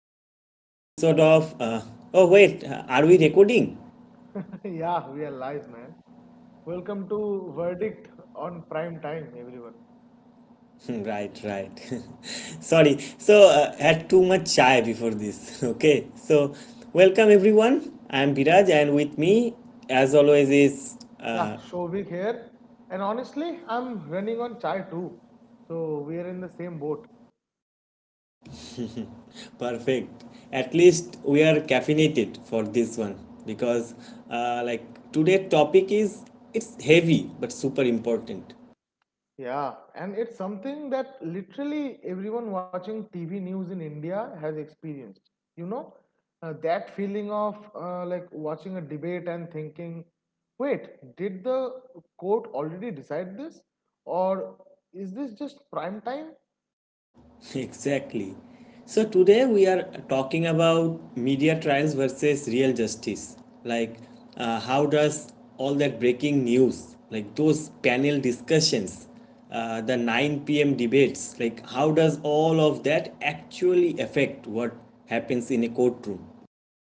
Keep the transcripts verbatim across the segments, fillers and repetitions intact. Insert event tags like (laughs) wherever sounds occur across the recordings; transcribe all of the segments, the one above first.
back to another episode of. Uh, oh wait, uh, are we recording? (laughs) Yeah, we are live, man. Welcome to Verdict on Prime Time, everyone. (laughs) Right, right. (laughs) Sorry, so uh, had too much chai before this. (laughs) Okay, so welcome everyone. I'm Biraj, and with me, as always, is Yeah, uh, Shobhik here. And honestly, I'm running on chai too. So we are in the same boat. perfect. At least we are caffeinated for this one because, uh, like, today topic is it's heavy but super important. Yeah, and it's something that literally everyone watching T V news in India has experienced. You know, uh, that feeling of uh, like watching a debate and thinking, wait, did the court already decide this? Or is this just prime time? (laughs) Exactly. So today we are talking about media trials versus real justice. Like, uh, how does all that breaking news, like those panel discussions, uh, the nine p m debates, like how does all of that actually affect what happens in a courtroom?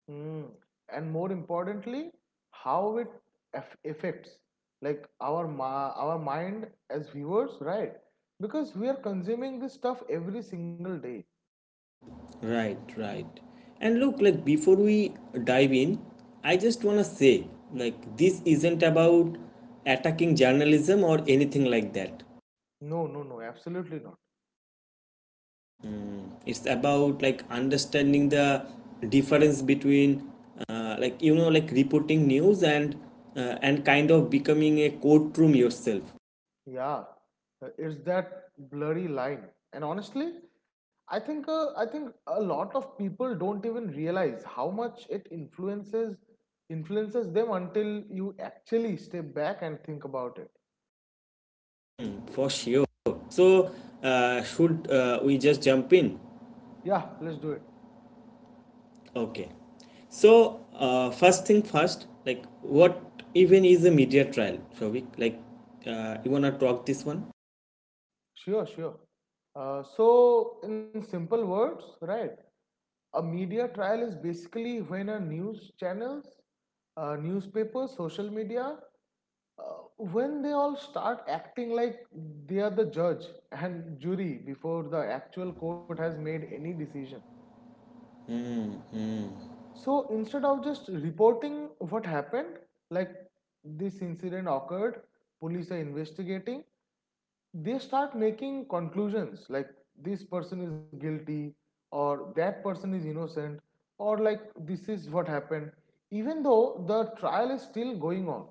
Mm. And more importantly, how it aff- affects like our ma- our mind as viewers, right? Because we are consuming this stuff every single day. Right, right. And look, like before we dive in, I just want to say, like, this isn't about attacking journalism or anything like that. No, no, no, absolutely not. It's about like understanding the difference between uh, like you know like reporting news and uh, and kind of becoming a courtroom yourself. Yeah, uh, it's that blurry line. And honestly, I think uh, I think a lot of people don't even realize how much it influences influences them until you actually step back and think about it. Mm, for sure. So uh, should uh, we just jump in? Yeah, let's do it. Okay, so uh, first thing first, like what even is a media trial, Shovik? Like, uh, you wanna talk this one? Sure, sure. Uh, so, in simple words, right, a media trial is basically when a news channels, uh, newspapers, social media, uh, when they all start acting like they are the judge and jury before the actual court has made any decision. So, instead of just reporting what happened, like this incident occurred, police are investigating, they start making conclusions like this person is guilty or that person is innocent or like this is what happened even though the trial is still going on.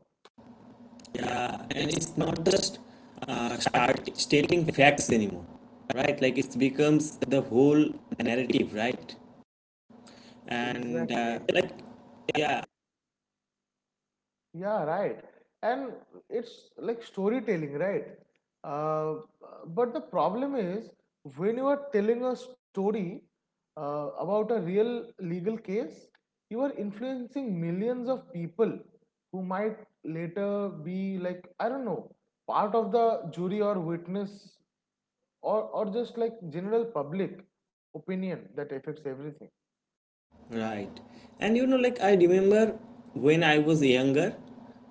Yeah, and it's not just uh, start stating facts anymore, right? Like it becomes the whole narrative, right? And uh, Exactly. like Yeah, right. And it's like storytelling, right? Uh, but the problem is when you are telling a story uh, about a real legal case, you are influencing millions of people who might later be like, I don't know, part of the jury or witness or, or just like general public opinion that affects everything. Right, and you know, like I remember when I was younger,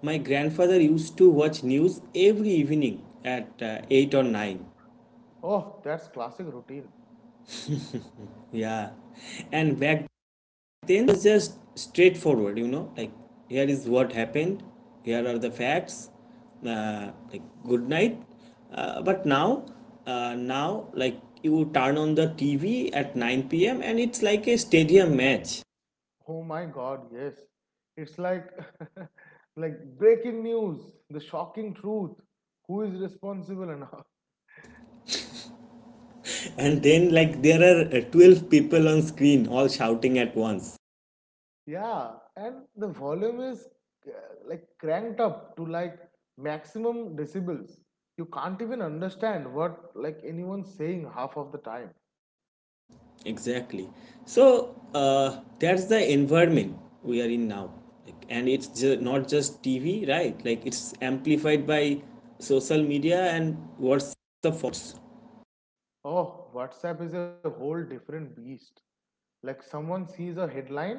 my grandfather used to watch news every evening at uh, eight or nine. Oh, that's classic routine. Yeah, and back then it's just straightforward, you know like here is what happened, here are the facts, uh, like good night. Uh, but now uh, now, like you turn on the TV at nine p m and it's like a stadium match. Oh my God, yes. It's like (laughs) like breaking news, the shocking truth, who is responsible and how. (laughs) (laughs) And then, like, there are uh, twelve people on screen all shouting at once. Yeah, and the volume is uh, like cranked up to like maximum decibels. You can't even understand what like anyone's saying half of the time. Exactly. So uh, that's the environment we are in now. Like, and it's ju- not just T V, right? Like it's amplified by social media and WhatsApp forums. Oh, WhatsApp is a whole different beast. Like someone sees a headline,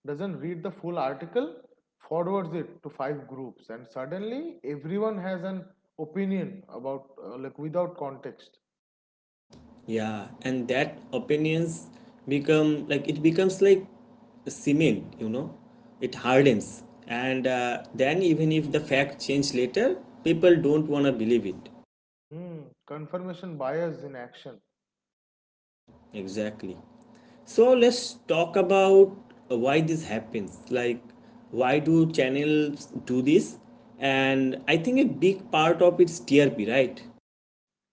doesn't read the full article, forwards it to five groups, and suddenly everyone has an opinion about, uh, like, without context. Yeah, and that opinions become like it becomes like cement, you know, it hardens. And uh, then even if the fact change later, people don't want to believe it. Hmm, confirmation bias in action. Exactly. So let's talk about uh, why this happens. Like, why do channels do this? And I think a big part of it's T R P, right?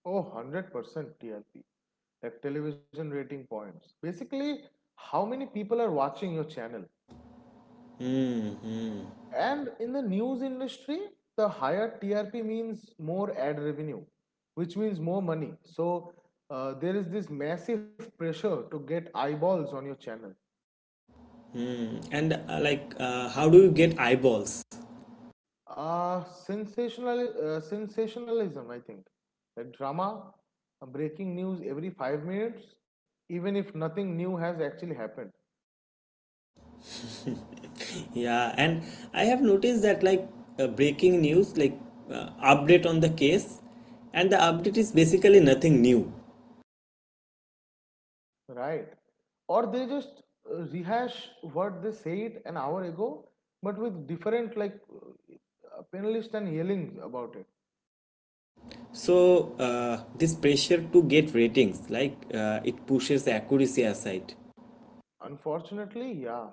Oh, one hundred percent T R P. Like television rating points. Basically, how many people are watching your channel? Mm-hmm. And in the news industry, the higher T R P means more ad revenue, which means more money. So uh, there is this massive pressure to get eyeballs on your channel. And uh, like, uh, how do you get eyeballs? (laughs) Uh, sensational, uh, sensationalism, I think. Like drama, uh, breaking news every five minutes, even if nothing new has actually happened. Yeah, and I have noticed that, like, uh, breaking news, like, uh, update on the case, and the update is basically nothing new. Right. Or they just uh, rehash what they said an hour ago, but with different, like, uh, panelists and yelling about it. So uh, this pressure to get ratings, like, uh, it pushes accuracy aside. Unfortunately, yeah.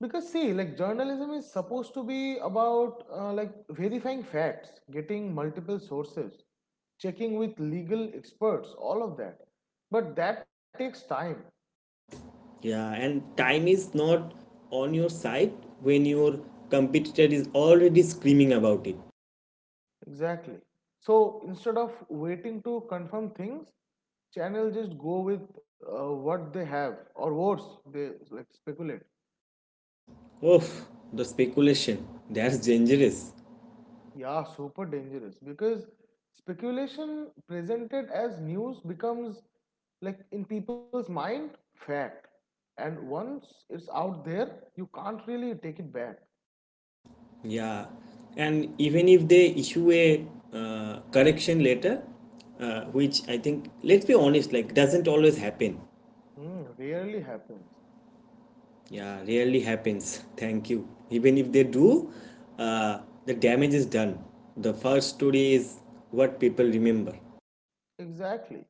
Because, see, like, journalism is supposed to be about, uh, like, verifying facts, getting multiple sources, checking with legal experts, all of that. But that takes time. Yeah, and time is not on your side when your competitor is already screaming about it. Exactly. So instead of waiting to confirm things, channel just go with uh, what they have, or worse, they like speculate. Oof, the speculation. That's dangerous. Yeah, super dangerous because speculation presented as news becomes like in people's mind fact, and once it's out there, you can't really take it back. Yeah, and even if they issue a uh, correction later, uh, which I think, let's be honest, like doesn't always happen. Hmm, rarely happens. Yeah, rarely happens. (laughs) Thank you. Even if they do, uh, the damage is done. The first story is what people remember. Exactly.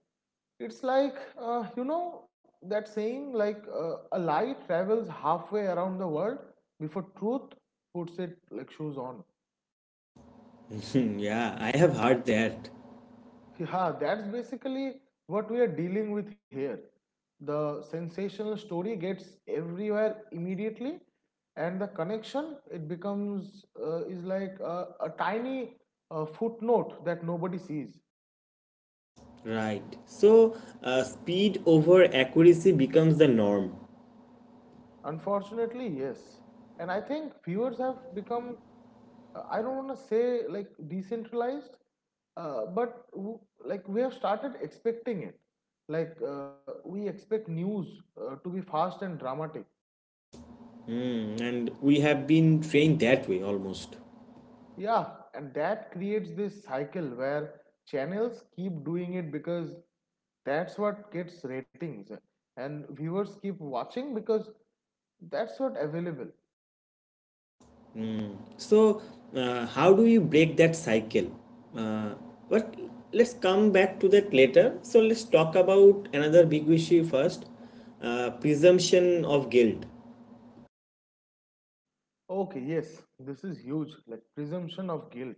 It's like, uh, you know, that saying, like, uh, a lie travels halfway around the world before truth puts it like shoes on. (laughs) Yeah, I have heard that. (laughs) Yeah, that's basically what we are dealing with here. The sensational story gets everywhere immediately, and the connection it becomes uh, is like a, a tiny uh, footnote that nobody sees. Right. So, uh, speed over accuracy becomes the norm. Unfortunately, yes. And I think viewers have become, uh, I don't want to say like decentralized, uh, but w- like we have started expecting it. Like uh, we expect news uh, to be fast and dramatic. Hmm, and we have been trained that way almost. Yeah, and that creates this cycle where channels keep doing it because that's what gets ratings, and viewers keep watching because that's what available. So, uh, how do you break that cycle? Uh, but let's come back to that later. So, let's talk about another big issue first, uh, presumption of guilt. Okay, yes, this is huge, like presumption of guilt.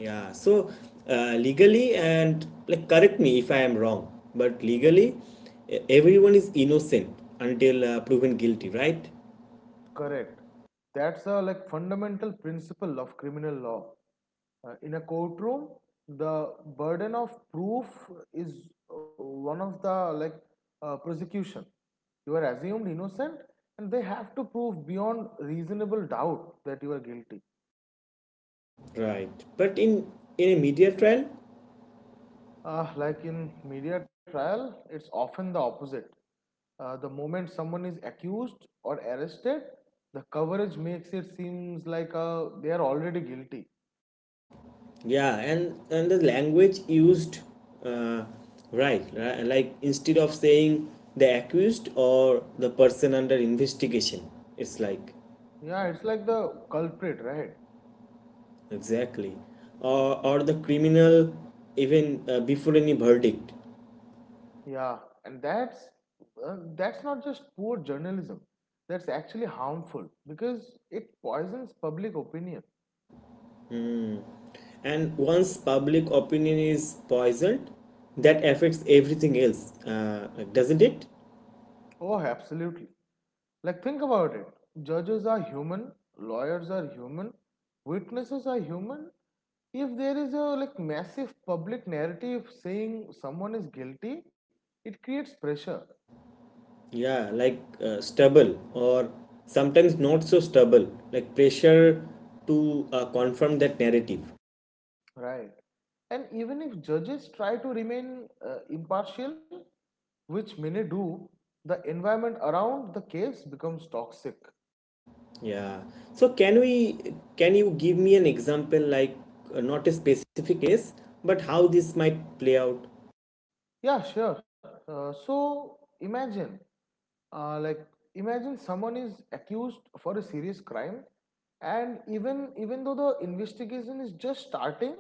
Yeah. So, uh, legally, and like correct me if I am wrong, but legally, e- everyone is innocent until uh, proven guilty, right? Correct. That's a like fundamental principle of criminal law. Uh, in a courtroom, the burden of proof is uh, one of the like uh, prosecution. You are assumed innocent, and they have to prove beyond reasonable doubt that you are guilty. Right, but in in a media trial, Uh, like in media trial, it's often the opposite. Uh, the moment someone is accused or arrested, the coverage makes it seems like uh, they are already guilty. yeah, and and the language used, uh, right, right, like instead of saying the accused or the person under investigation, it's like Yeah, it's like the culprit, right? exactly, or or the criminal even uh, before any verdict, Yeah, and that's uh, that's not just poor journalism. That's actually harmful because it poisons public opinion. and once public opinion is poisoned, that affects everything else, uh, doesn't it? Oh, absolutely. Like think about it. Judges are human, lawyers are human, witnesses are human. If there is a like massive public narrative saying someone is guilty, it creates pressure, Yeah, like, uh, stubble or sometimes not so stubble, like pressure to uh, confirm that narrative. right? And even if judges try to remain uh, impartial, which many do, the environment around the caves becomes toxic. Yeah. So can we can you give me an example, like, uh, not a specific case, but how this might play out? Yeah, sure. Uh, so imagine, uh, like, imagine someone is accused for a serious crime, and even even though the investigation is just starting,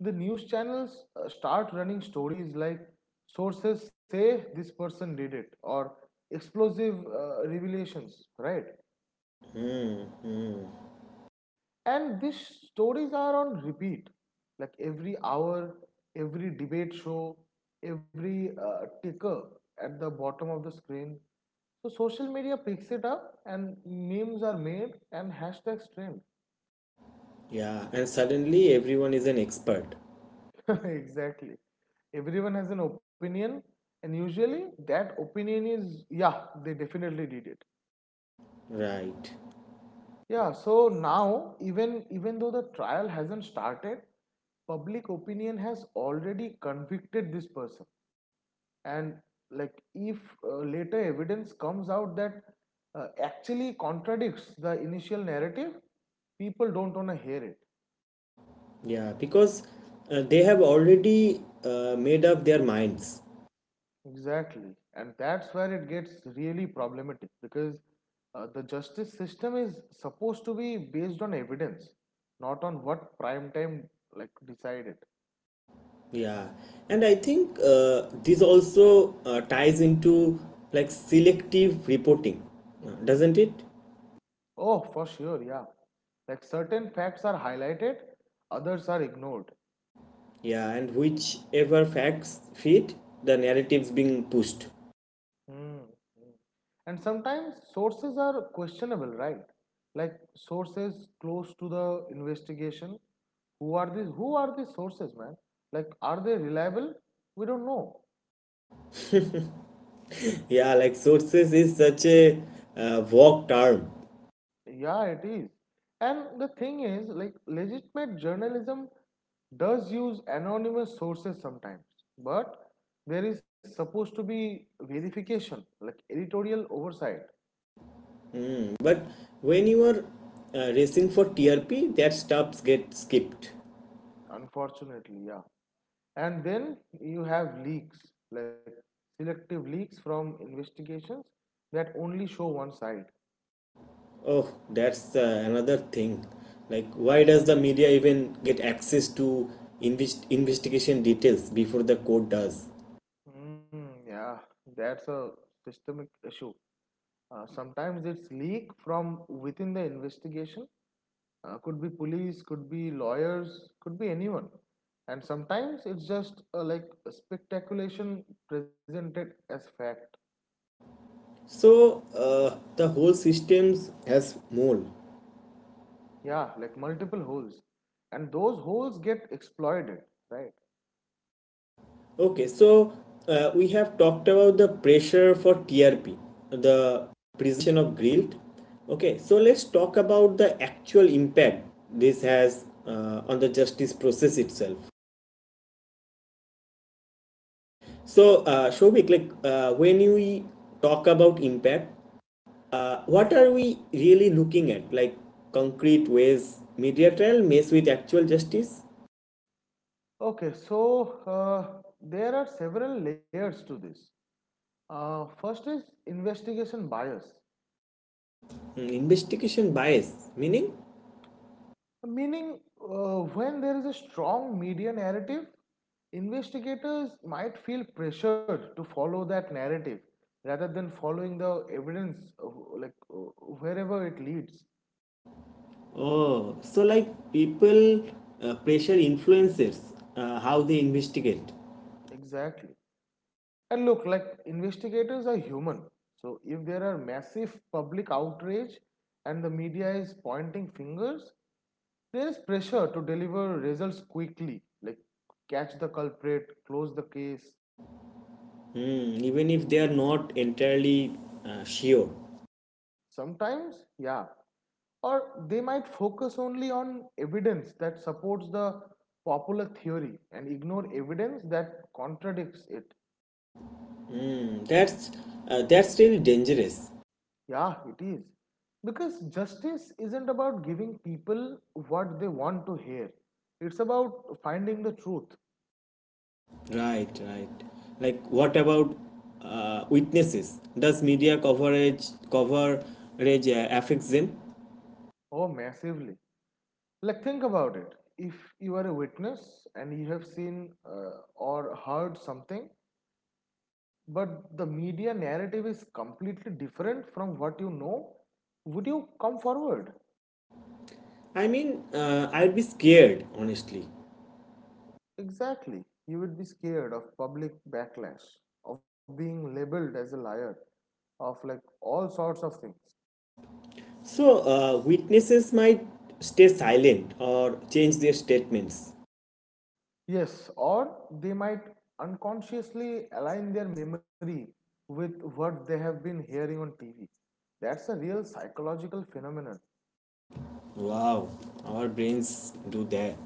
the news channels uh, start running stories like sources say this person did it or explosive uh, revelations, right? Mm-hmm. And these stories are on repeat, like every hour, every debate show, every uh, ticker at the bottom of the screen. So social media picks it up, and memes are made and hashtags trend. Yeah, and suddenly everyone is an expert. (laughs) Exactly. Everyone has an opinion, and usually that opinion is yeah, they definitely did it. Right. Yeah. So now, even even though the trial hasn't started, public opinion has already convicted this person. And like if uh, later evidence comes out that uh, actually contradicts the initial narrative, people don't want to hear it. Yeah, because uh, they have already uh, made up their minds. Exactly. And that's where it gets really problematic because uh, the justice system is supposed to be based on evidence, not on what prime time like decided. Yeah, and I think uh, this also uh, ties into, like, selective reporting, uh, doesn't it? Oh, for sure, yeah. Like certain facts are highlighted, others are ignored. Yeah, and whichever facts fit the narratives being pushed. Mm, mm. And sometimes sources are questionable, right? Like sources close to the investigation. Who are these? Who are these sources, man? Like, are they reliable? We don't know. Yeah, like sources is such a uh, vague term, Yeah, it is. And the thing is, like, legitimate journalism does use anonymous sources sometimes, but there is supposed to be verification, like editorial oversight. but when you are uh, racing for T R P, that stuffs get skipped. Unfortunately, yeah. And then you have leaks like selective leaks from investigations that only show one side. Oh, that's uh, another thing. Like, why does the media even get access to invest- investigation details before the court does? Mm, yeah, that's a systemic issue. Uh, sometimes it's leak from within the investigation. Uh, could be police, could be lawyers, could be anyone. And sometimes it's just uh, like a speculation presented as fact. So uh, the whole systems has mole. Yeah, like multiple holes, and those holes get exploited, right? Okay, so uh, we have talked about the pressure for T R P, the precision of grilled. Okay, so let's talk about the actual impact this has uh, on the justice process itself. So, uh, Shobik, like, uh, when we talk about impact, uh, what are we really looking at? Like, concrete ways media trial mess with actual justice, Okay, so uh, there are several layers to this. Uh, first is investigation bias, Mm, investigation bias, meaning meaning uh, when there is a strong media narrative, investigators might feel pressured to follow that narrative rather than following the evidence, uh, like uh, wherever it leads. oh, so, like, people uh, pressure influencers uh, how they investigate, Exactly. And look, like investigators are human. So if there are massive public outrage and the media is pointing fingers, there is pressure to deliver results quickly, like catch the culprit, close the case. hmm, even if they are not entirely uh, sure. Sometimes, yeah. Or they might focus only on evidence that supports the popular theory and ignore evidence that contradicts it. Hmm, that's uh, that's really dangerous. Yeah, it is. Because justice isn't about giving people what they want to hear, it's about finding the truth. Right, right. Like, what about uh, witnesses? Does media coverage coverage uh, affects them? Oh, massively. Like, think about it. If you are a witness and you have seen uh, or heard something, but the media narrative is completely different from what you know, would you come forward? I mean, uh, I'd be scared honestly. Exactly. You would be scared of public backlash, of being labeled as a liar, of like all sorts of things. So uh, witnesses might stay silent or change their statements. Yes, or they might unconsciously align their memory with what they have been hearing on T V. That's a real psychological phenomenon. Wow, our brains do that.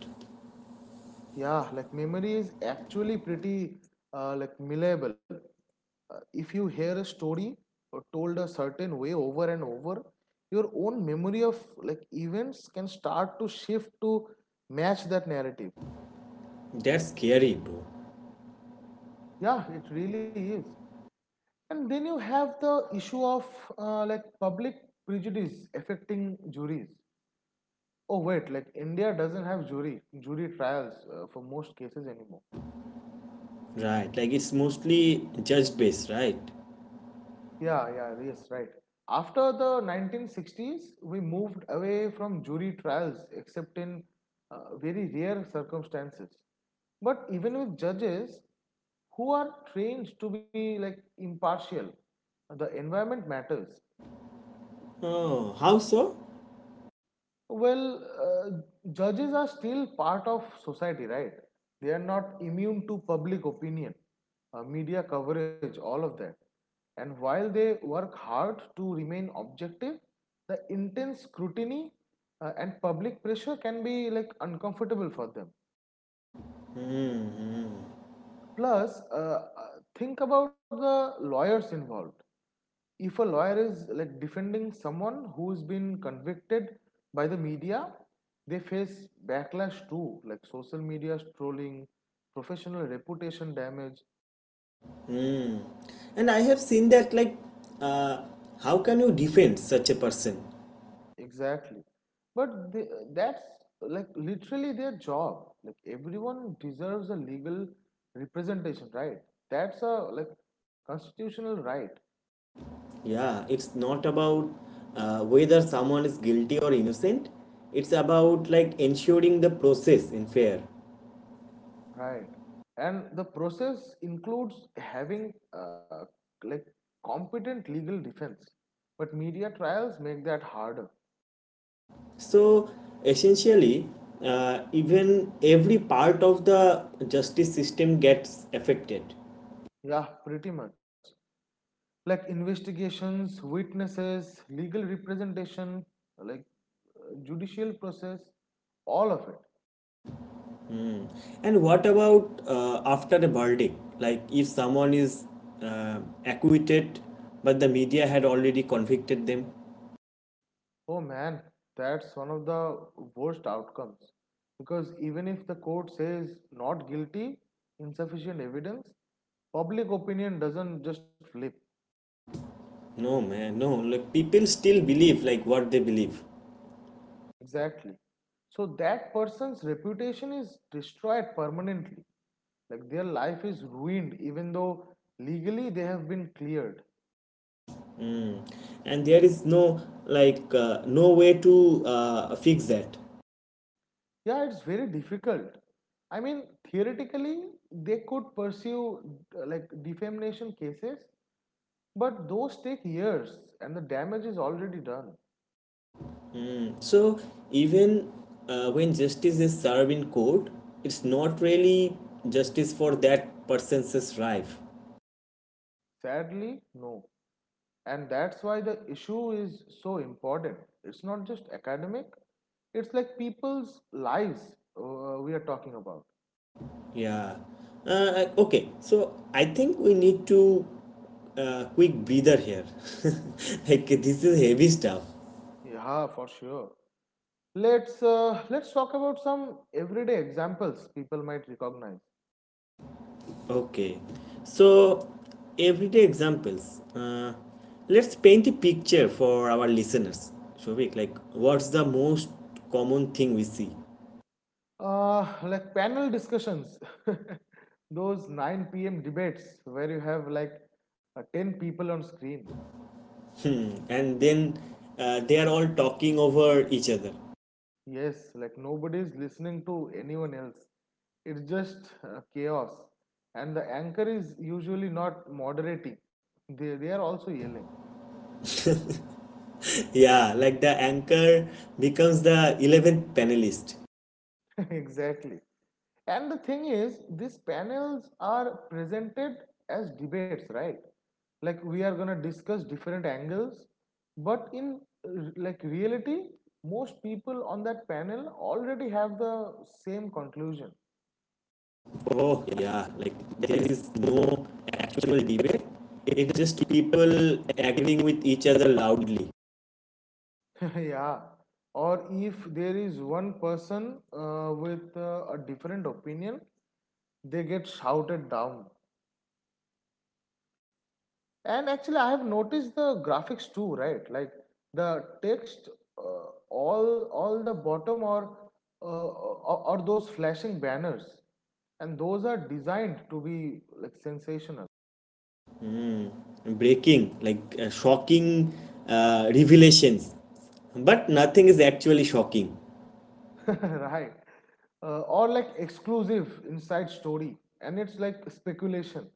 Yeah, like memory is actually pretty uh, like malleable. Uh, if you hear a story or told a certain way over and over, your own memory of like events can start to shift to match that narrative. That's scary, bro. Yeah, it really is. And then you have the issue of uh, like public prejudice affecting juries. Oh wait, like India doesn't have jury jury trials uh, for most cases anymore. Right, like it's mostly judge based, right? Yeah, yeah, yes, right. After the nineteen sixties, we moved away from jury trials except in uh, very rare circumstances. But even with judges who are trained to be like impartial, the environment matters. Oh, how so? Well, uh, judges are still part of society, right? They are not immune to public opinion, uh, media coverage, all of that. And while they work hard to remain objective, the intense scrutiny uh, and public pressure can be like uncomfortable for them. Hmm. Plus, uh, uh, think about the lawyers involved. If a lawyer is like defending someone who's been convicted by the media, they face backlash too, like social media trolling, professional reputation damage. And I have seen that, like, uh, how can you defend such a person? Exactly. But they, that's like literally their job. Like everyone deserves a legal representation, right? That's a like constitutional right. Yeah, it's not about uh, whether someone is guilty or innocent, it's about, like, ensuring the process in fair. Right. And the process includes having uh, like competent legal defense. But media trials make that harder. So essentially, uh, even every part of the justice system gets affected. Yeah, pretty much. Like investigations, witnesses, legal representation, like uh, judicial process, all of it. And what about uh, after a verdict? Like, if someone is uh, acquitted, but the media had already convicted them? Oh man, that's one of the worst outcomes. Because even if the court says not guilty, insufficient evidence, public opinion doesn't just flip. No, man, no. Like people still believe like what they believe, Exactly. So that person's reputation is destroyed permanently. Like their life is ruined, even though legally they have been cleared. mm. And there is no like uh, no way to uh, fix that. Yeah, it's very difficult. I mean, theoretically, they could pursue uh, like defamation cases, but those take years and the damage is already done. So even uh, when justice is served in court, it's not really justice for that person's life. Sadly, no. And that's why the issue is so important. It's not just academic. It's like people's lives uh, we are talking about. Yeah. Uh, okay. So I think we need to uh, quick breather here. (laughs) Like, this is heavy stuff. Yeah, for sure. Let's uh, let's talk about some everyday examples people might recognize. Okay. So, everyday examples. Uh, let's paint a picture for our listeners. Shovik, like, what's the most common thing we see, uh, Like panel discussions, (laughs) those nine p.m debates where you have like uh, ten people on screen. and then uh, they are all talking over each other. Yes, like nobody's listening to anyone else. It's just uh, chaos. And the anchor is usually not moderating, they, they are also yelling. (laughs) Yeah, like the anchor becomes the eleventh panelist. (laughs) Exactly. And the thing is, these panels are presented as debates, right? Like we are gonna discuss different angles, but in uh, like reality, most people on that panel already have the same conclusion. Oh, yeah. Like, there is no actual debate. It's just people agreeing with each other loudly, (laughs) Yeah. Or if there is one person uh, with uh, a different opinion, they get shouted down. And actually I have noticed the graphics too, right? Like the text, uh, all all the bottom, or uh, or or those flashing banners, and those are designed to be like sensational. breaking, like, uh, shocking uh, revelations. But nothing is actually shocking. (laughs) Right. Uh, or like exclusive inside story, and it's like speculation.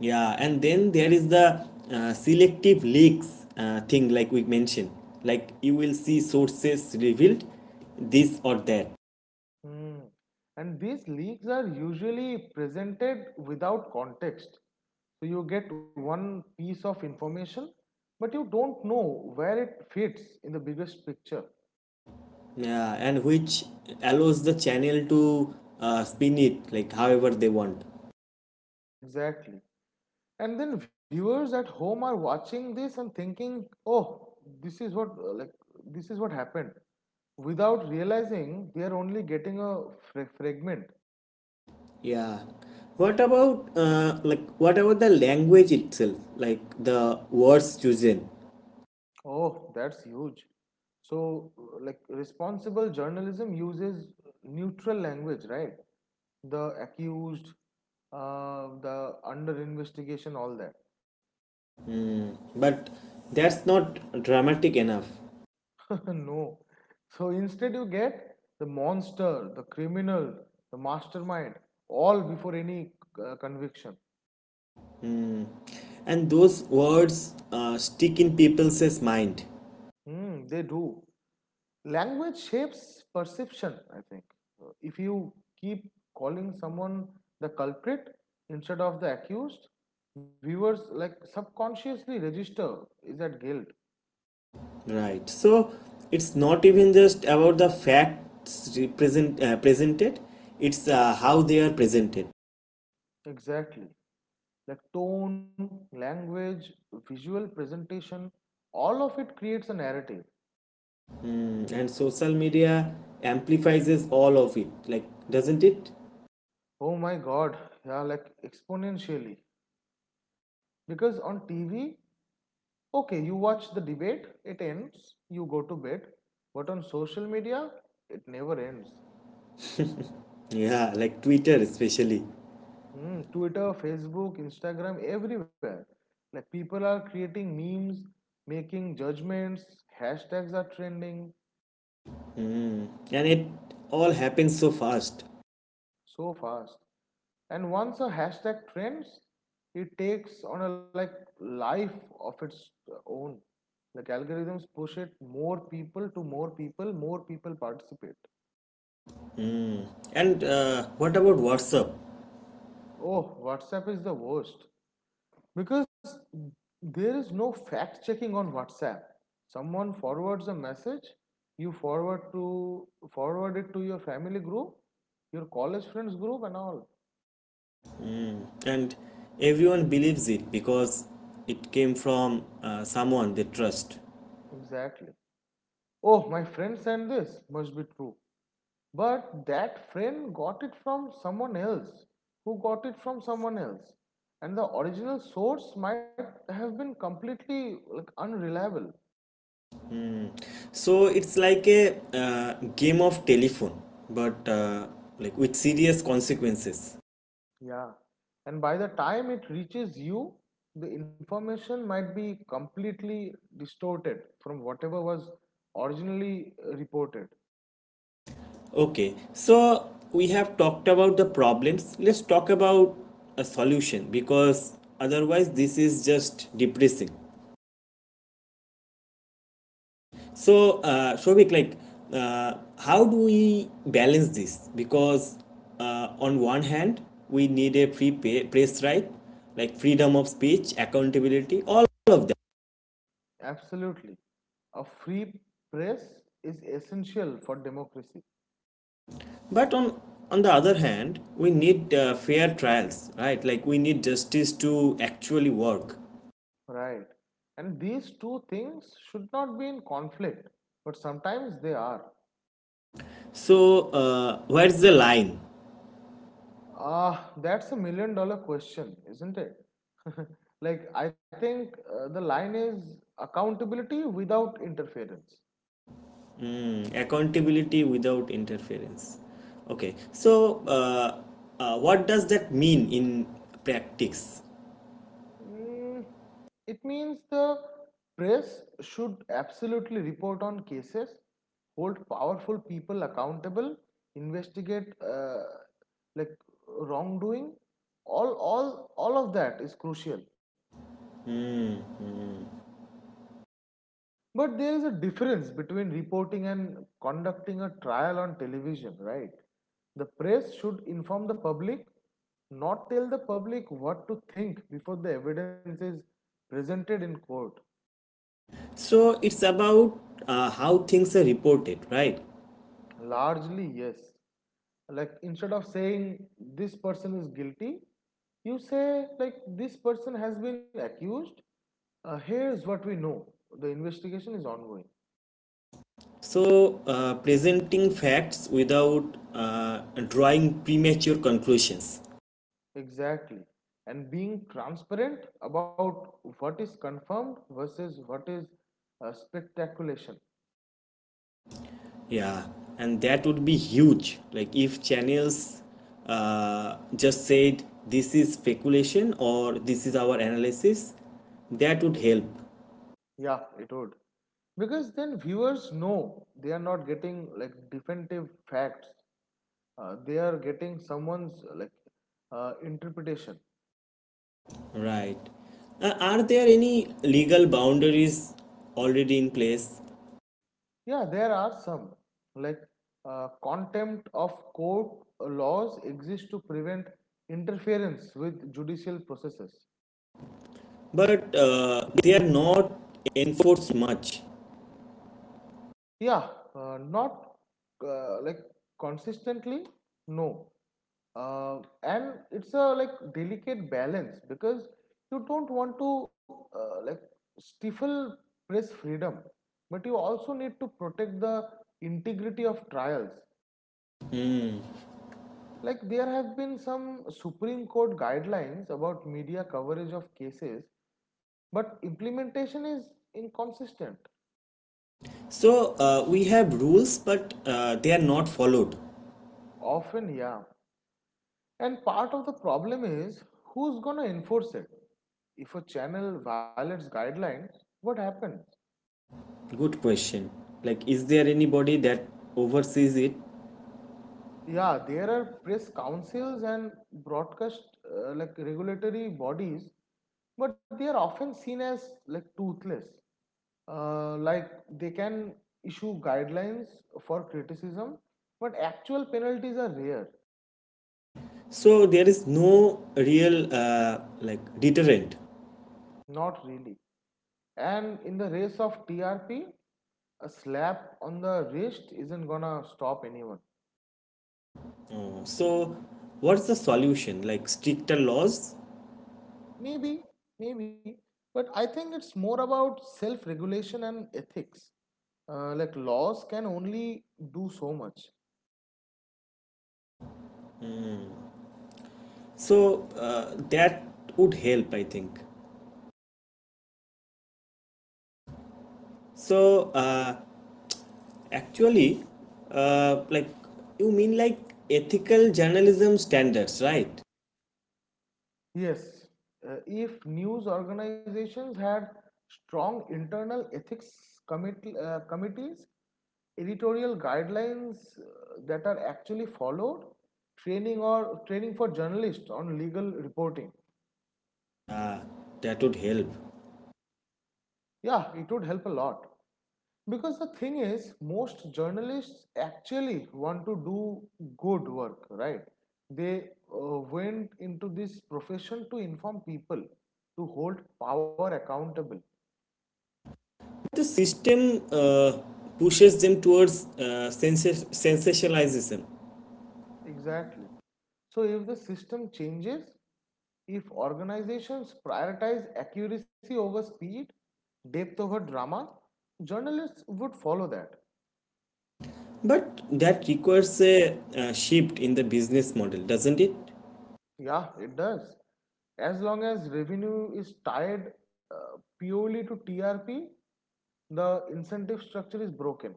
Yeah, and then there is the uh, selective leaks uh, thing, like we mentioned. Like, you will see sources revealed this or that. Hmm. And these leaks are usually presented without context. So you get one piece of information, but you don't know where it fits in the biggest picture. Yeah, and which allows the channel to uh, spin it, like, however they want. Exactly. And then viewers at home are watching this and thinking, "Oh, this is what uh, like this is what happened," without realizing they are only getting a fra- fragment. Yeah. What about uh, like what about the language itself? Like, the words chosen, Oh, that's huge. So, uh, like, responsible journalism uses neutral language, right? The accused, uh, the under investigation, all that. but that's not dramatic enough. (laughs) No. So, instead, you get the monster, the criminal, the mastermind, all before any uh, conviction. Mm. And those words uh, stick in people's mind, Hmm, they do. Language shapes perception, I think. Uh, if you keep calling someone the culprit instead of the accused, viewers like subconsciously register is that guilt. right? So it's not even just about the facts represent uh, presented; it's uh, how they are presented. Exactly. Like tone, language, visual presentation, all of it creates a narrative. Mm. And social media amplifies all of it, like doesn't it? Oh my god, yeah, like exponentially. Because on TV, okay, you watch the debate, it ends, you go to bed, but on social media, it never ends. Yeah, like Twitter especially. Mm, Twitter, Facebook, Instagram, everywhere. Like people are creating memes, making judgments, hashtags are trending Hmm. And it all happens so fast. so fast. And once a hashtag trends, it takes on a like life of its own. Like algorithms push it more people to more people, more people participate. And uh, what about WhatsApp? Oh, WhatsApp is the worst. Because there is no fact checking on WhatsApp. Someone forwards a message, you forward to forward it to your family group, your college friends group and all. And everyone believes it because it came from uh, someone they trust. Exactly. Oh, my friend sent this, must be true. But that friend got it from someone else who got it from someone else, and the original source might have been completely like unreliable. So it's like a uh, game of telephone, but uh, like with serious consequences. Yeah. And by the time it reaches you, the information might be completely distorted from whatever was originally uh, reported. Okay, so we have talked about the problems, let's talk about a solution, because otherwise this is just depressing. So, uh, Shobik, like, uh, how do we balance this? Because uh, on one hand, we need a free pay, press right, like freedom of speech, accountability, all of that. Absolutely. A free press is essential for democracy. But on on the other hand, we need uh, fair trials, right? Like we need justice to actually work. Right. And these two things should not be in conflict, but sometimes they are. So, uh, where's the line? Ah, that's a million dollar question, isn't it? (laughs) Like, I think uh, the line is accountability without interference. Mm, accountability without interference. Okay. So, uh, uh, what does that mean in practice? Mm, it means the press should absolutely report on cases, hold powerful people accountable, investigate uh, like wrongdoing. All, all, all of that is crucial. But there is a difference between reporting and conducting a trial on television, right? The press should inform the public, not tell the public what to think before the evidence is presented in court. So it's about uh, how things are reported, right? Largely, yes. Like instead of saying this person is guilty, you say like this person has been accused. Uh, here's what we know. The investigation is ongoing. So uh, presenting facts without uh, drawing premature conclusions. Exactly. And being transparent about what is confirmed versus what is uh, speculation. Yeah, and that would be huge. Like, if channels uh, just said this is speculation or this is our analysis, that would help. Yeah, it would. Because then viewers know they are not getting like definitive facts. Uh, they are getting someone's uh, like uh, interpretation. Right. Uh, are there any legal boundaries already in place? Yeah, there are some like uh, contempt of court laws exist to prevent interference with judicial processes. But uh, they are not enforced much. Yeah, uh, not uh, like consistently. No, uh, and it's a like delicate balance, because you don't want to uh, like stifle press freedom, but you also need to protect the integrity of trials. Like there have been some supreme court guidelines about media coverage of cases, but implementation is inconsistent. So uh, we have rules, but uh, they are not followed. Often, yeah. And part of the problem is who's going to enforce it. If a channel violates guidelines, what happens? Good question. Like, is there anybody that oversees it? Yeah, there are press councils and broadcast uh, like regulatory bodies, but they are often seen as like toothless. Uh, like they can issue guidelines for criticism, but actual penalties are rare. So there is no real uh, like deterrent. Not really. And in the race of T R P, a slap on the wrist isn't gonna stop anyone. Uh, So what's the solution? Like, stricter laws. Maybe, maybe, but I think it's more about self regulation and ethics. Uh, like laws can only do so much. So uh, that would help, I think. So, uh, actually, uh, like you mean, like, ethical journalism standards, right? Yes. Uh, if news organizations had strong internal ethics commit uh, committees, editorial guidelines uh, that are actually followed, training or training for journalists on legal reporting, Yeah, that would help. yeah, it would help a lot. Because the thing is, most journalists actually want to do good work, right? They uh, went into this profession to inform people, to hold power accountable. The system uh, pushes them towards uh, sensationalism, Exactly. So, if the system changes, if organizations prioritize accuracy over speed, depth over drama, journalists would follow that. but that requires a, uh shift in the business model, doesn't it? Yeah, it does. As long as revenue is tied uh, purely to T R P, the incentive structure is broken.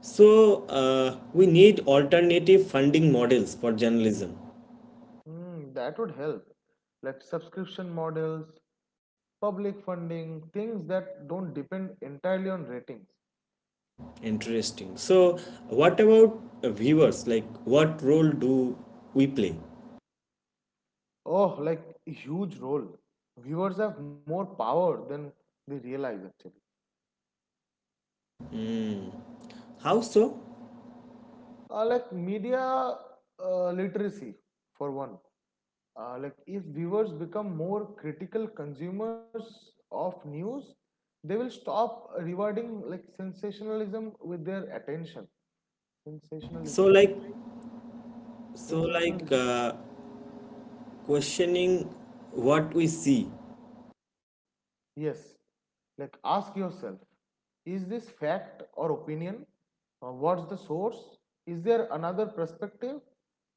So uh, we need alternative funding models for journalism. Hmm, that would help. Like subscription models, public funding, things that don't depend entirely on ratings. Interesting. So, what about uh, viewers, like what role do we play? Oh, like huge role. Viewers have more power than they realize actually. How so? Uh, like media uh, literacy, for one. Uh, like if viewers become more critical consumers of news, they will stop rewarding like sensationalism with their attention. so Sensationalism. So, like like, so like sensationalism. uh, questioning what we see Yes. Like ask yourself, is this fact or opinion? Uh, what's the source? Is there another perspective?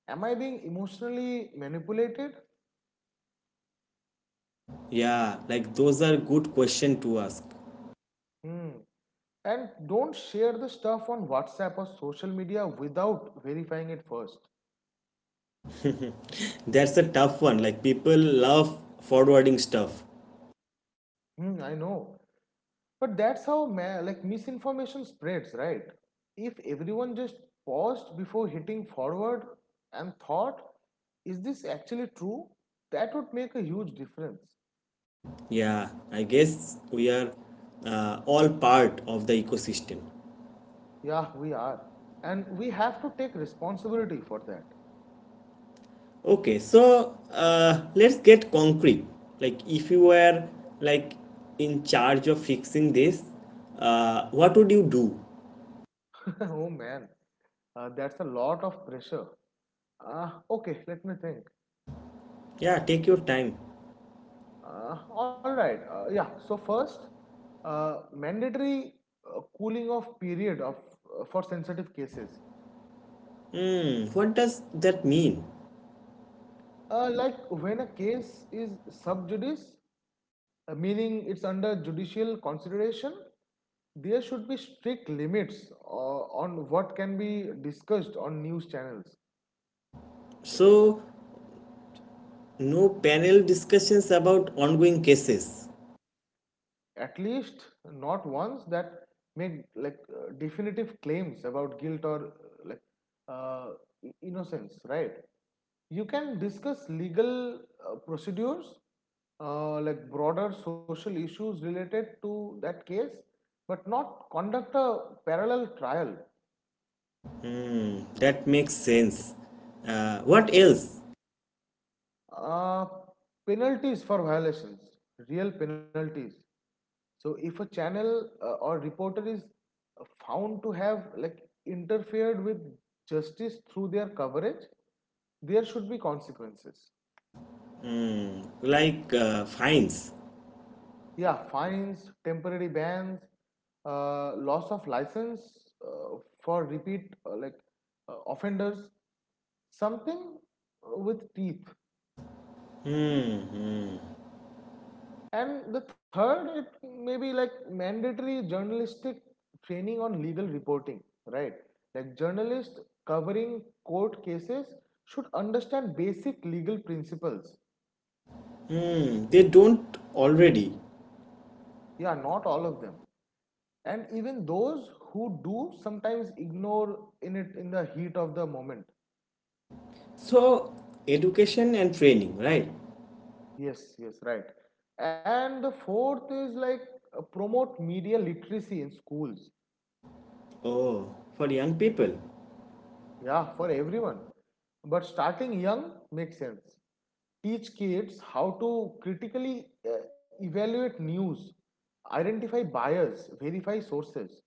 Am I being emotionally manipulated? yeah, like those are good questions to ask. Hmm. And don't share the stuff on WhatsApp or social media without verifying it first. That's a tough one. Like people love forwarding stuff. Hmm, I know. But that's how ma- like misinformation spreads, right? If everyone just paused before hitting forward and thought, is this actually true? That would make a huge difference. Yeah, I guess we are uh, all part of the ecosystem. Yeah, we are. And we have to take responsibility for that. Okay, so uh, let's get concrete. Like if you were like in charge of fixing this, uh, what would you do? (laughs) Oh man, uh, that's a lot of pressure. Uh, okay, let me think. Yeah, take your time. Uh, all right, uh, yeah, so first, uh, mandatory uh, cooling off period of uh, for sensitive cases. Hmm, what does that mean? Uh, like when a case is sub judice, uh, meaning it's under judicial consideration, there should be strict limits uh, on what can be discussed on news channels. Uh, So no panel discussions about ongoing cases. at least not ones that make like uh, definitive claims about guilt or uh, like uh, innocence, right? You can discuss legal uh, procedures, uh, like broader social issues related to that case, but not conduct a parallel trial. Hmm, that makes sense. Uh, what else? Uh, penalties for violations, real penalties. So, if a channel uh, or reporter is found to have like interfered with justice through their coverage, there should be consequences. Hmm, like uh, fines. Yeah, fines, temporary bans, uh, loss of license uh, for repeat uh, like uh, offenders, something with teeth. Hmm, hmm, And the third, it may be like mandatory journalistic training on legal reporting, right? Like journalists covering court cases should understand basic legal principles. hmm. They don't already. Yeah, not all of them. And even those who do sometimes ignore in it in the heat of the moment. So, education and training, right? Yes, yes, right. And the fourth is like uh, promote media literacy in schools. Oh, for young people. Yeah, for everyone. But starting young makes sense. Teach kids how to critically uh, evaluate news, identify bias, verify sources.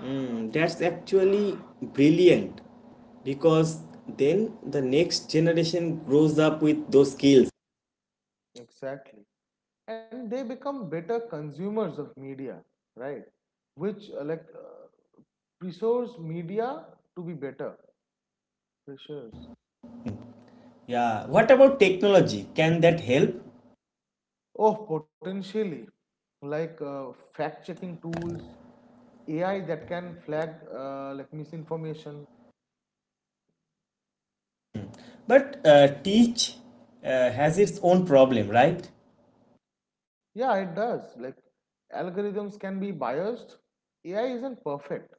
Hmm, that's actually brilliant because then the next generation grows up with those skills. Exactly. And they become better consumers of media, right? Which, uh, like, uh, pressures media to be better. Pressures. Yeah, what about technology? Can Pressures. that help? Oh, potentially. Like uh, fact checking tools, A I that can flag uh, like misinformation. Hmm. But uh, teach uh, has its own problem, right? Yeah, it does. Like algorithms can be biased. A I isn't perfect,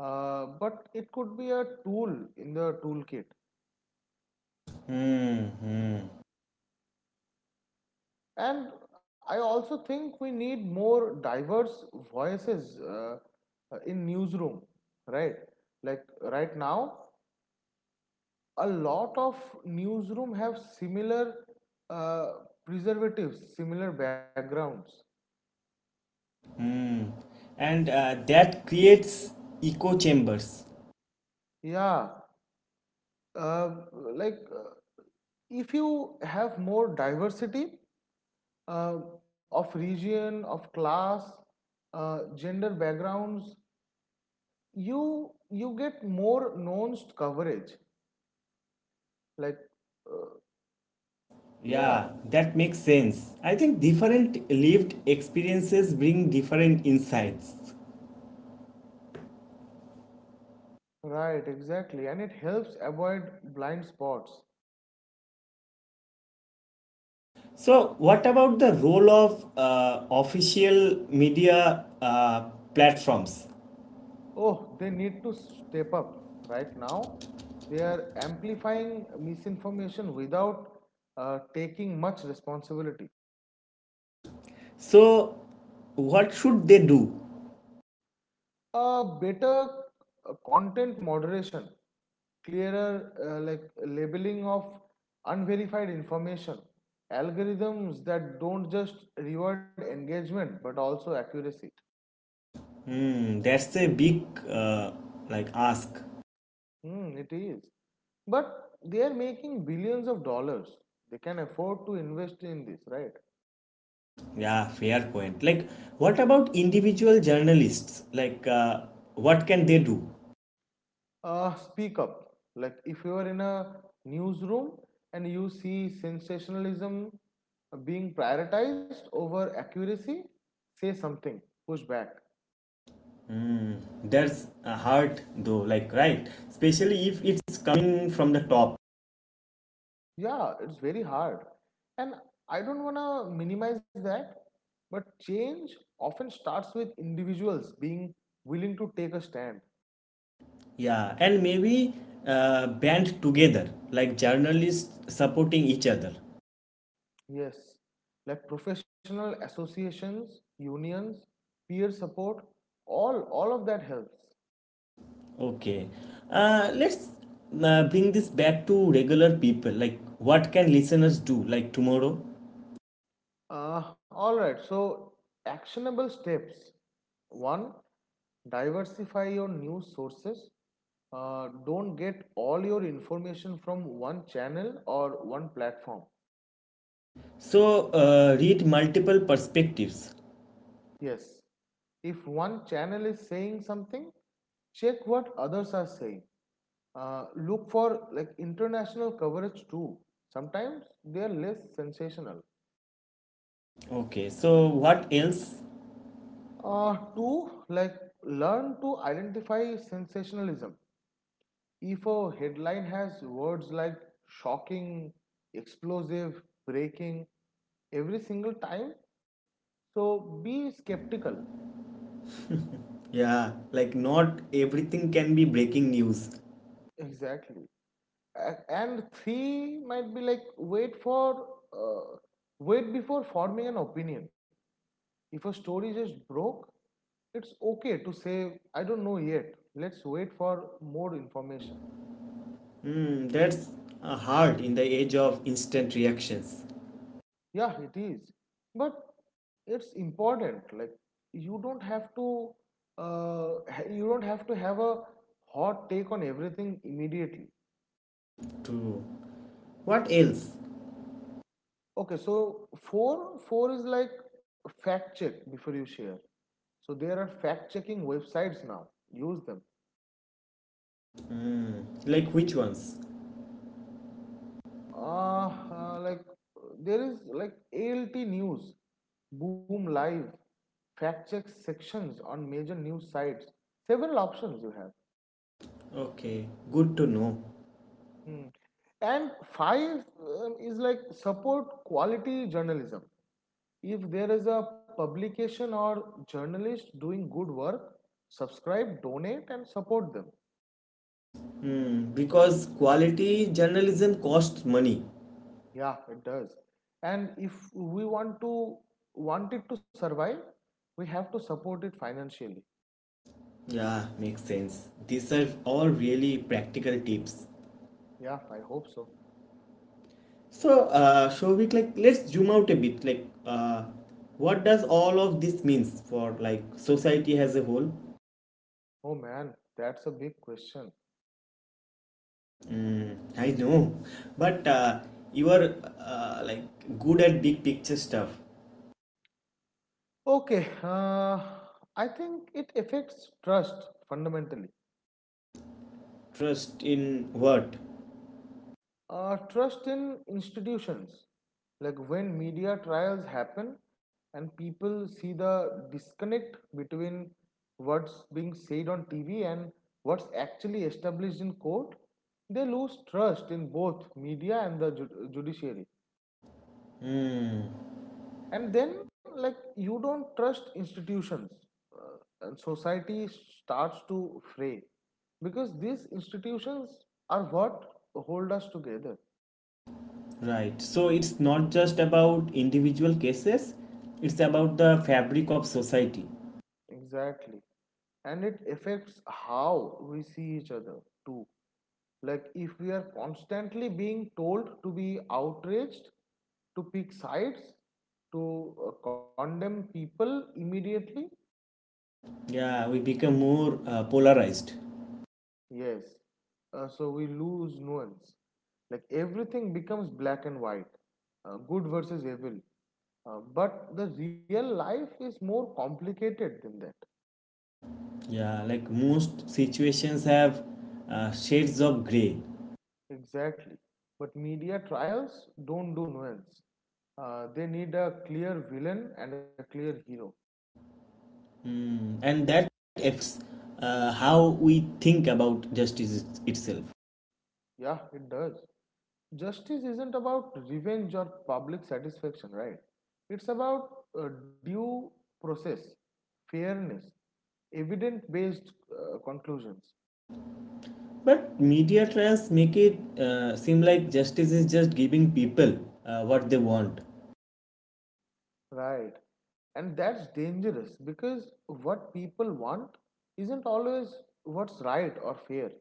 uh, but it could be a tool in the toolkit. Hmm, hmm. And I also think we need more diverse voices uh, in newsroom, right? Like right now, a lot of newsroom have similar uh, preservatives, similar backgrounds. Mm. And uh, that creates echo chambers. Yeah, uh, like uh, if you have more diversity, uh, of region, of class, uh, gender backgrounds, you you get more nuanced coverage. Like, uh, yeah, Yeah, that makes sense. I think different lived experiences bring different insights. right, exactly, and it helps avoid blind spots. So what about the role of uh, official media, uh, platforms? Oh, they need to step up right now. They are amplifying misinformation without uh, taking much responsibility. So what should they do? A better uh, content moderation, clearer uh, like labeling of unverified information, algorithms that don't just reward engagement but also accuracy. Hmm, that's a big uh, like ask. Hmm, it is. But they are making billions of dollars, they can afford to invest in this, right? Yeah, fair point. Like what about individual journalists, like uh, what can they do? Uh, speak up. Like if you are in a newsroom and you see sensationalism being prioritized over accuracy, say something, push back. That's hard though, like right, especially if it's coming from the top. Yeah, it's very hard. And I don't want to minimize that, but change often starts with individuals being willing to take a stand. Yeah, and maybe uh, band together, like journalists supporting each other. Yes, like professional associations, unions, peer support, all all of that helps. Okay, uh, let's uh, bring this back to regular people. Like, what can listeners do, like tomorrow? Uh, all right. So, actionable steps. One, diversify your news sources. Uh, don't get all your information from one channel or one platform. So, uh, read multiple perspectives. Yes. If one channel is saying something, check what others are saying. Uh, look for like international coverage too. Sometimes they are less sensational. Okay, so what else? Uh, two, like learn to identify sensationalism. If a headline has words like shocking, explosive, breaking every single time, so be skeptical. Yeah, like not everything can be breaking news. Exactly. And three might be like wait for uh, wait before forming an opinion. If a story just broke, it's okay to say I don't know yet. Let's wait for more information. Hmm, that's uh, hard in the age of instant reactions. Yeah, it is. But it's important. Like you don't have to uh, ha- you don't have to have a hot take on everything immediately. True. What else? Okay, so four four is like fact check before you share. So there are fact checking websites now. Use them. Hmm, like which ones? Uh, uh, like there is like ALT News, Boom Live, fact check sections on major news sites. Several options you have. Okay, good to know. Mm. And five um, is like support quality journalism. If there is a publication or journalist doing good work, subscribe, donate, and support them. Hmm, because quality journalism costs money. Yeah, it does. And if we want to want it to survive, we have to support it financially. Yeah, makes sense. These are all really practical tips. Yeah, I hope so. So, uh, Shovik, like let's zoom out a bit. Like, uh, what does all of this means for like society as a whole? Oh man, that's a big question. I know, but uh, you are uh, like good at big picture stuff. Okay, uh, I think it affects trust fundamentally. Trust in what? Uh, trust in institutions, like when media trials happen and people see the disconnect between what's being said on TV and what's actually established in court, they lose trust in both media and the ju- judiciary. And then, like, you don't trust institutions, uh, and society starts to fray because these institutions are what hold us together. Right. So it's not just about individual cases, it's about the fabric of society. Exactly. And it affects how we see each other too. Like if we are constantly being told to be outraged, to pick sides, to uh, condemn people immediately, Yeah, we become more uh, polarized. yes. Uh, so we lose nuance. Like everything becomes black and white, uh, good versus evil. Uh, but the real life is more complicated than that. Yeah, like most situations have uh, shades of gray. Exactly. But media trials don't do nuance. Uh, they need a clear villain and a clear hero. Mm, and that affects uh, how we think about justice it- itself. Yeah, it does. Justice isn't about revenge or public satisfaction, right? It's about uh, due process, fairness, evidence based uh, conclusions, But media trends make it uh, seem like justice is just giving people uh, what they want. right? And that's dangerous because what people want isn't always what's right or fair.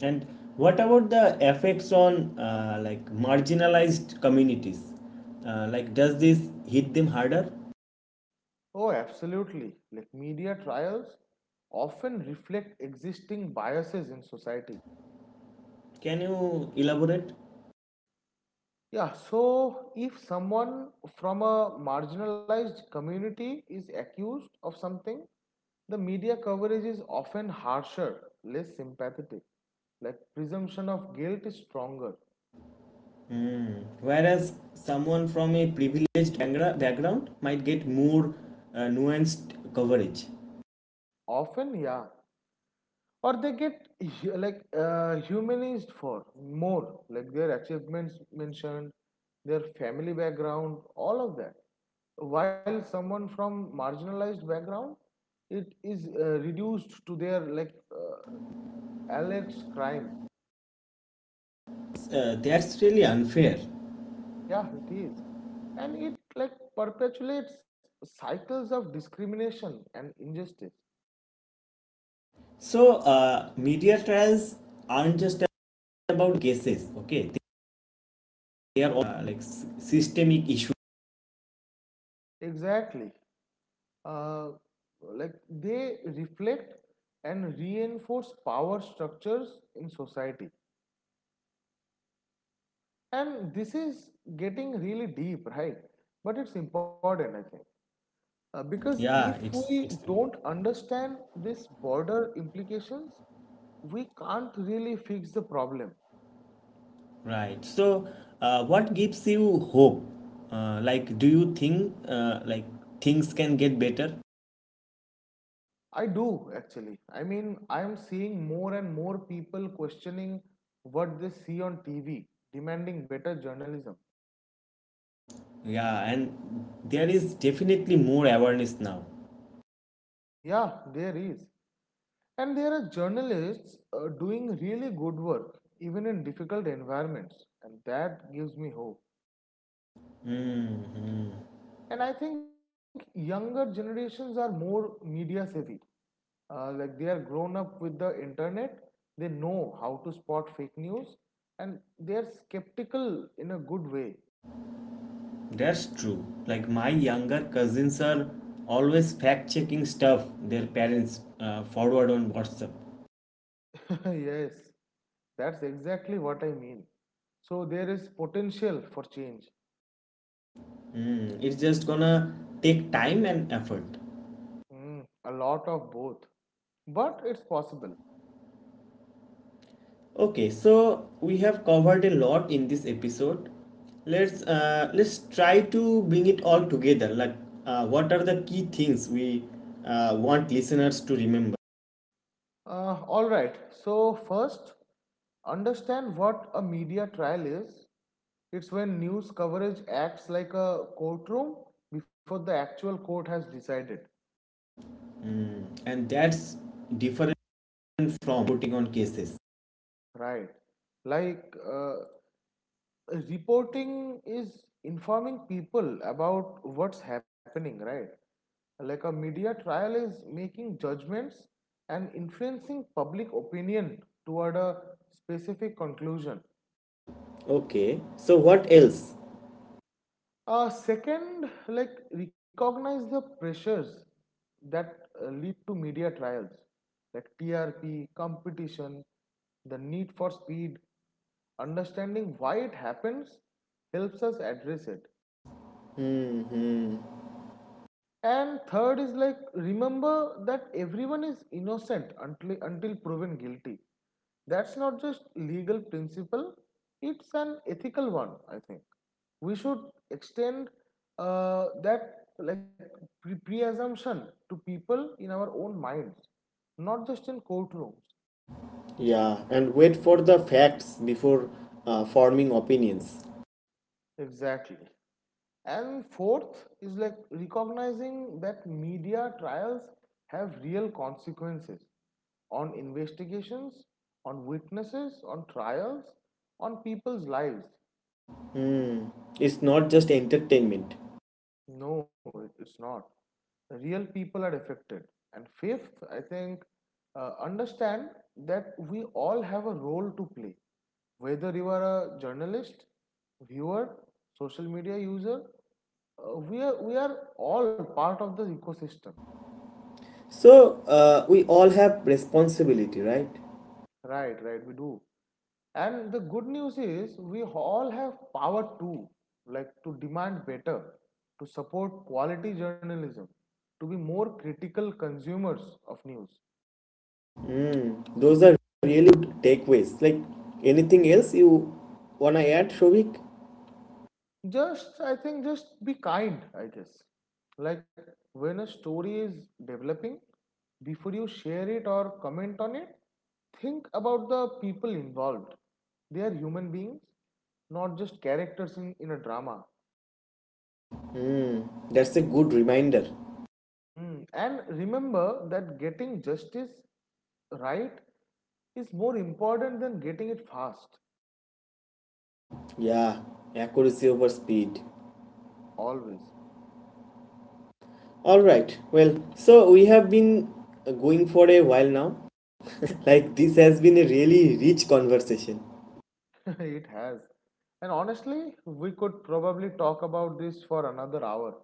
And what about the effects on uh, like marginalized communities? Uh, like, does this hit them harder? Oh, absolutely. Like media trials often reflect existing biases in society. Can you elaborate? Yeah, so if someone from a marginalized community is accused of something, the media coverage is often harsher, less sympathetic. Like presumption of guilt is stronger. Whereas someone from a privileged bangra- background might get more uh, nuanced coverage. Often, yeah. Or they get (laughs) hu- like uh, humanized for more, like their achievements mentioned, their family background, all of that. While someone from marginalized background, it is uh, reduced to their like uh, alex crime. Uh, that's really unfair. Yeah, it is. And it like perpetuates cycles of discrimination and injustice. So, uh, media trials aren't just about cases, okay? They are all, uh, like s- systemic issue. Exactly. Uh, like they reflect and reinforce power structures in society. And this is getting really deep, right? But it's important, I think. Uh, because if Yeah, we it's it's don't understand this border implications, we can't really fix the problem. right. So uh, what gives you hope? Uh, like do you think uh, like things can get better? I do actually. I mean, I'm seeing more and more people questioning what they see on T V, demanding better journalism. Yeah, and there is definitely more awareness now. Yeah, there is. And there are journalists uh, doing really good work, even in difficult environments. And that gives me hope. Hmm, And I think younger generations are more media savvy. uh, like they are grown up with the internet. They know how to spot fake news, and they are skeptical in a good way. that's true. Like my younger cousins are always fact checking stuff their parents uh, forward on WhatsApp. (laughs) Yes, that's exactly what I mean. So there is potential for change. Hmm, it's just gonna take time and effort. Mm, a lot of both, but it's possible. Okay, so we have covered a lot in this episode. Let's uh, let's try to bring it all together. Like, uh, what are the key things we uh, want listeners to remember? Uh, all right so first, understand what a media trial is. It's when news coverage acts like a courtroom before the actual court has decided. Mm, and that's different from putting on cases. Right. Like, uh, reporting is informing people about what's happening, right? Like, a media trial is making judgments and influencing public opinion toward a specific conclusion. Okay, so what else? Uh, second, like recognize the pressures that uh, lead to media trials, like T R P, competition, the need for speed. Understanding why it happens helps us address it. Hmm. And third is like remember that everyone is innocent until until proven guilty. That's not just legal principle, it's an ethical one, I think. We should extend uh, that, like, pre- pre-assumption to people in our own minds, not just in courtrooms. Yeah, and wait for the facts before uh, forming opinions. Exactly. And fourth is like recognizing that media trials have real consequences on investigations, on witnesses, on trials, on people's lives. It's not just entertainment. No, it's not. Real people are affected. And fifth, I think, uh, understand that we all have a role to play. Whether you are a journalist, viewer, social media user, uh, we are we are all part of the ecosystem. So, uh, we all have responsibility, right? Right, right, we do. And the good news is we all have power too, like to demand better, to support quality journalism, to be more critical consumers of news. Hmm, those are really good takeaways. Like anything else you wanna add, Shovik? Just, I think, just be kind, I guess. Like when a story is developing, before you share it or comment on it, think about the people involved. They are human beings, not just characters in, in a drama. That's a good reminder. Mm. And remember that getting justice right is more important than getting it fast. Yeah, accuracy over speed. Always. All right. Well, so we have been uh, going for a while now. (laughs) Like this has been a really rich conversation. (laughs) It has. And honestly, we could probably talk about this for another hour.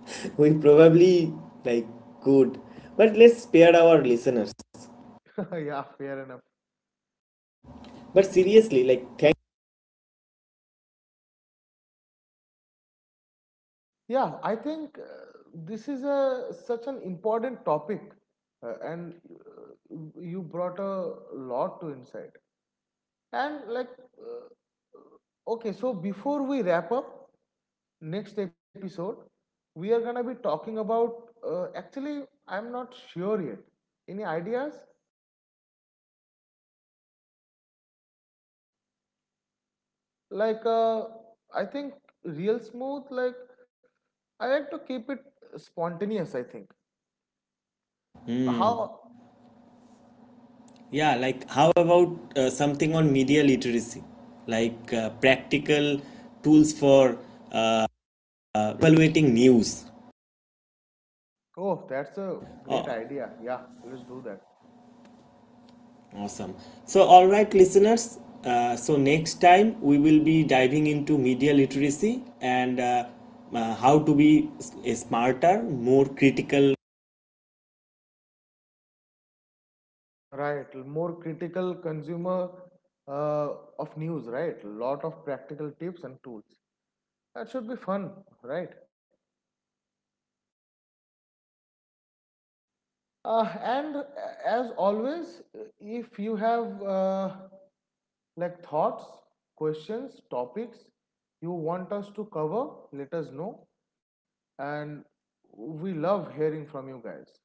(laughs) We probably like good, but let's spare our listeners. (laughs) Yeah, fair enough. But seriously, like thank. Yeah, I think uh, this is a such an important topic, uh, and uh, you brought a lot to insight. And like, uh, okay, so before we wrap up, next episode we are gonna be talking about. Uh, actually, I'm not sure yet. Any ideas? Like, uh, I think real smooth. Like, I like to keep it spontaneous, I think. How? Yeah, like how about uh, something on media literacy, like uh, practical tools for uh, evaluating news. Oh, that's a great Oh, idea. Yeah, let's do that. awesome. So, all right, listeners. Uh, so, next time we will be diving into media literacy and uh, uh, how to be a smarter, more critical Right, more critical consumer uh, of news. Right, lot of practical tips and tools. That should be fun, right? Uh, and uh, As always, uh, if you have uh, like thoughts, questions, topics you want us to cover, let us know. And we love hearing from you guys.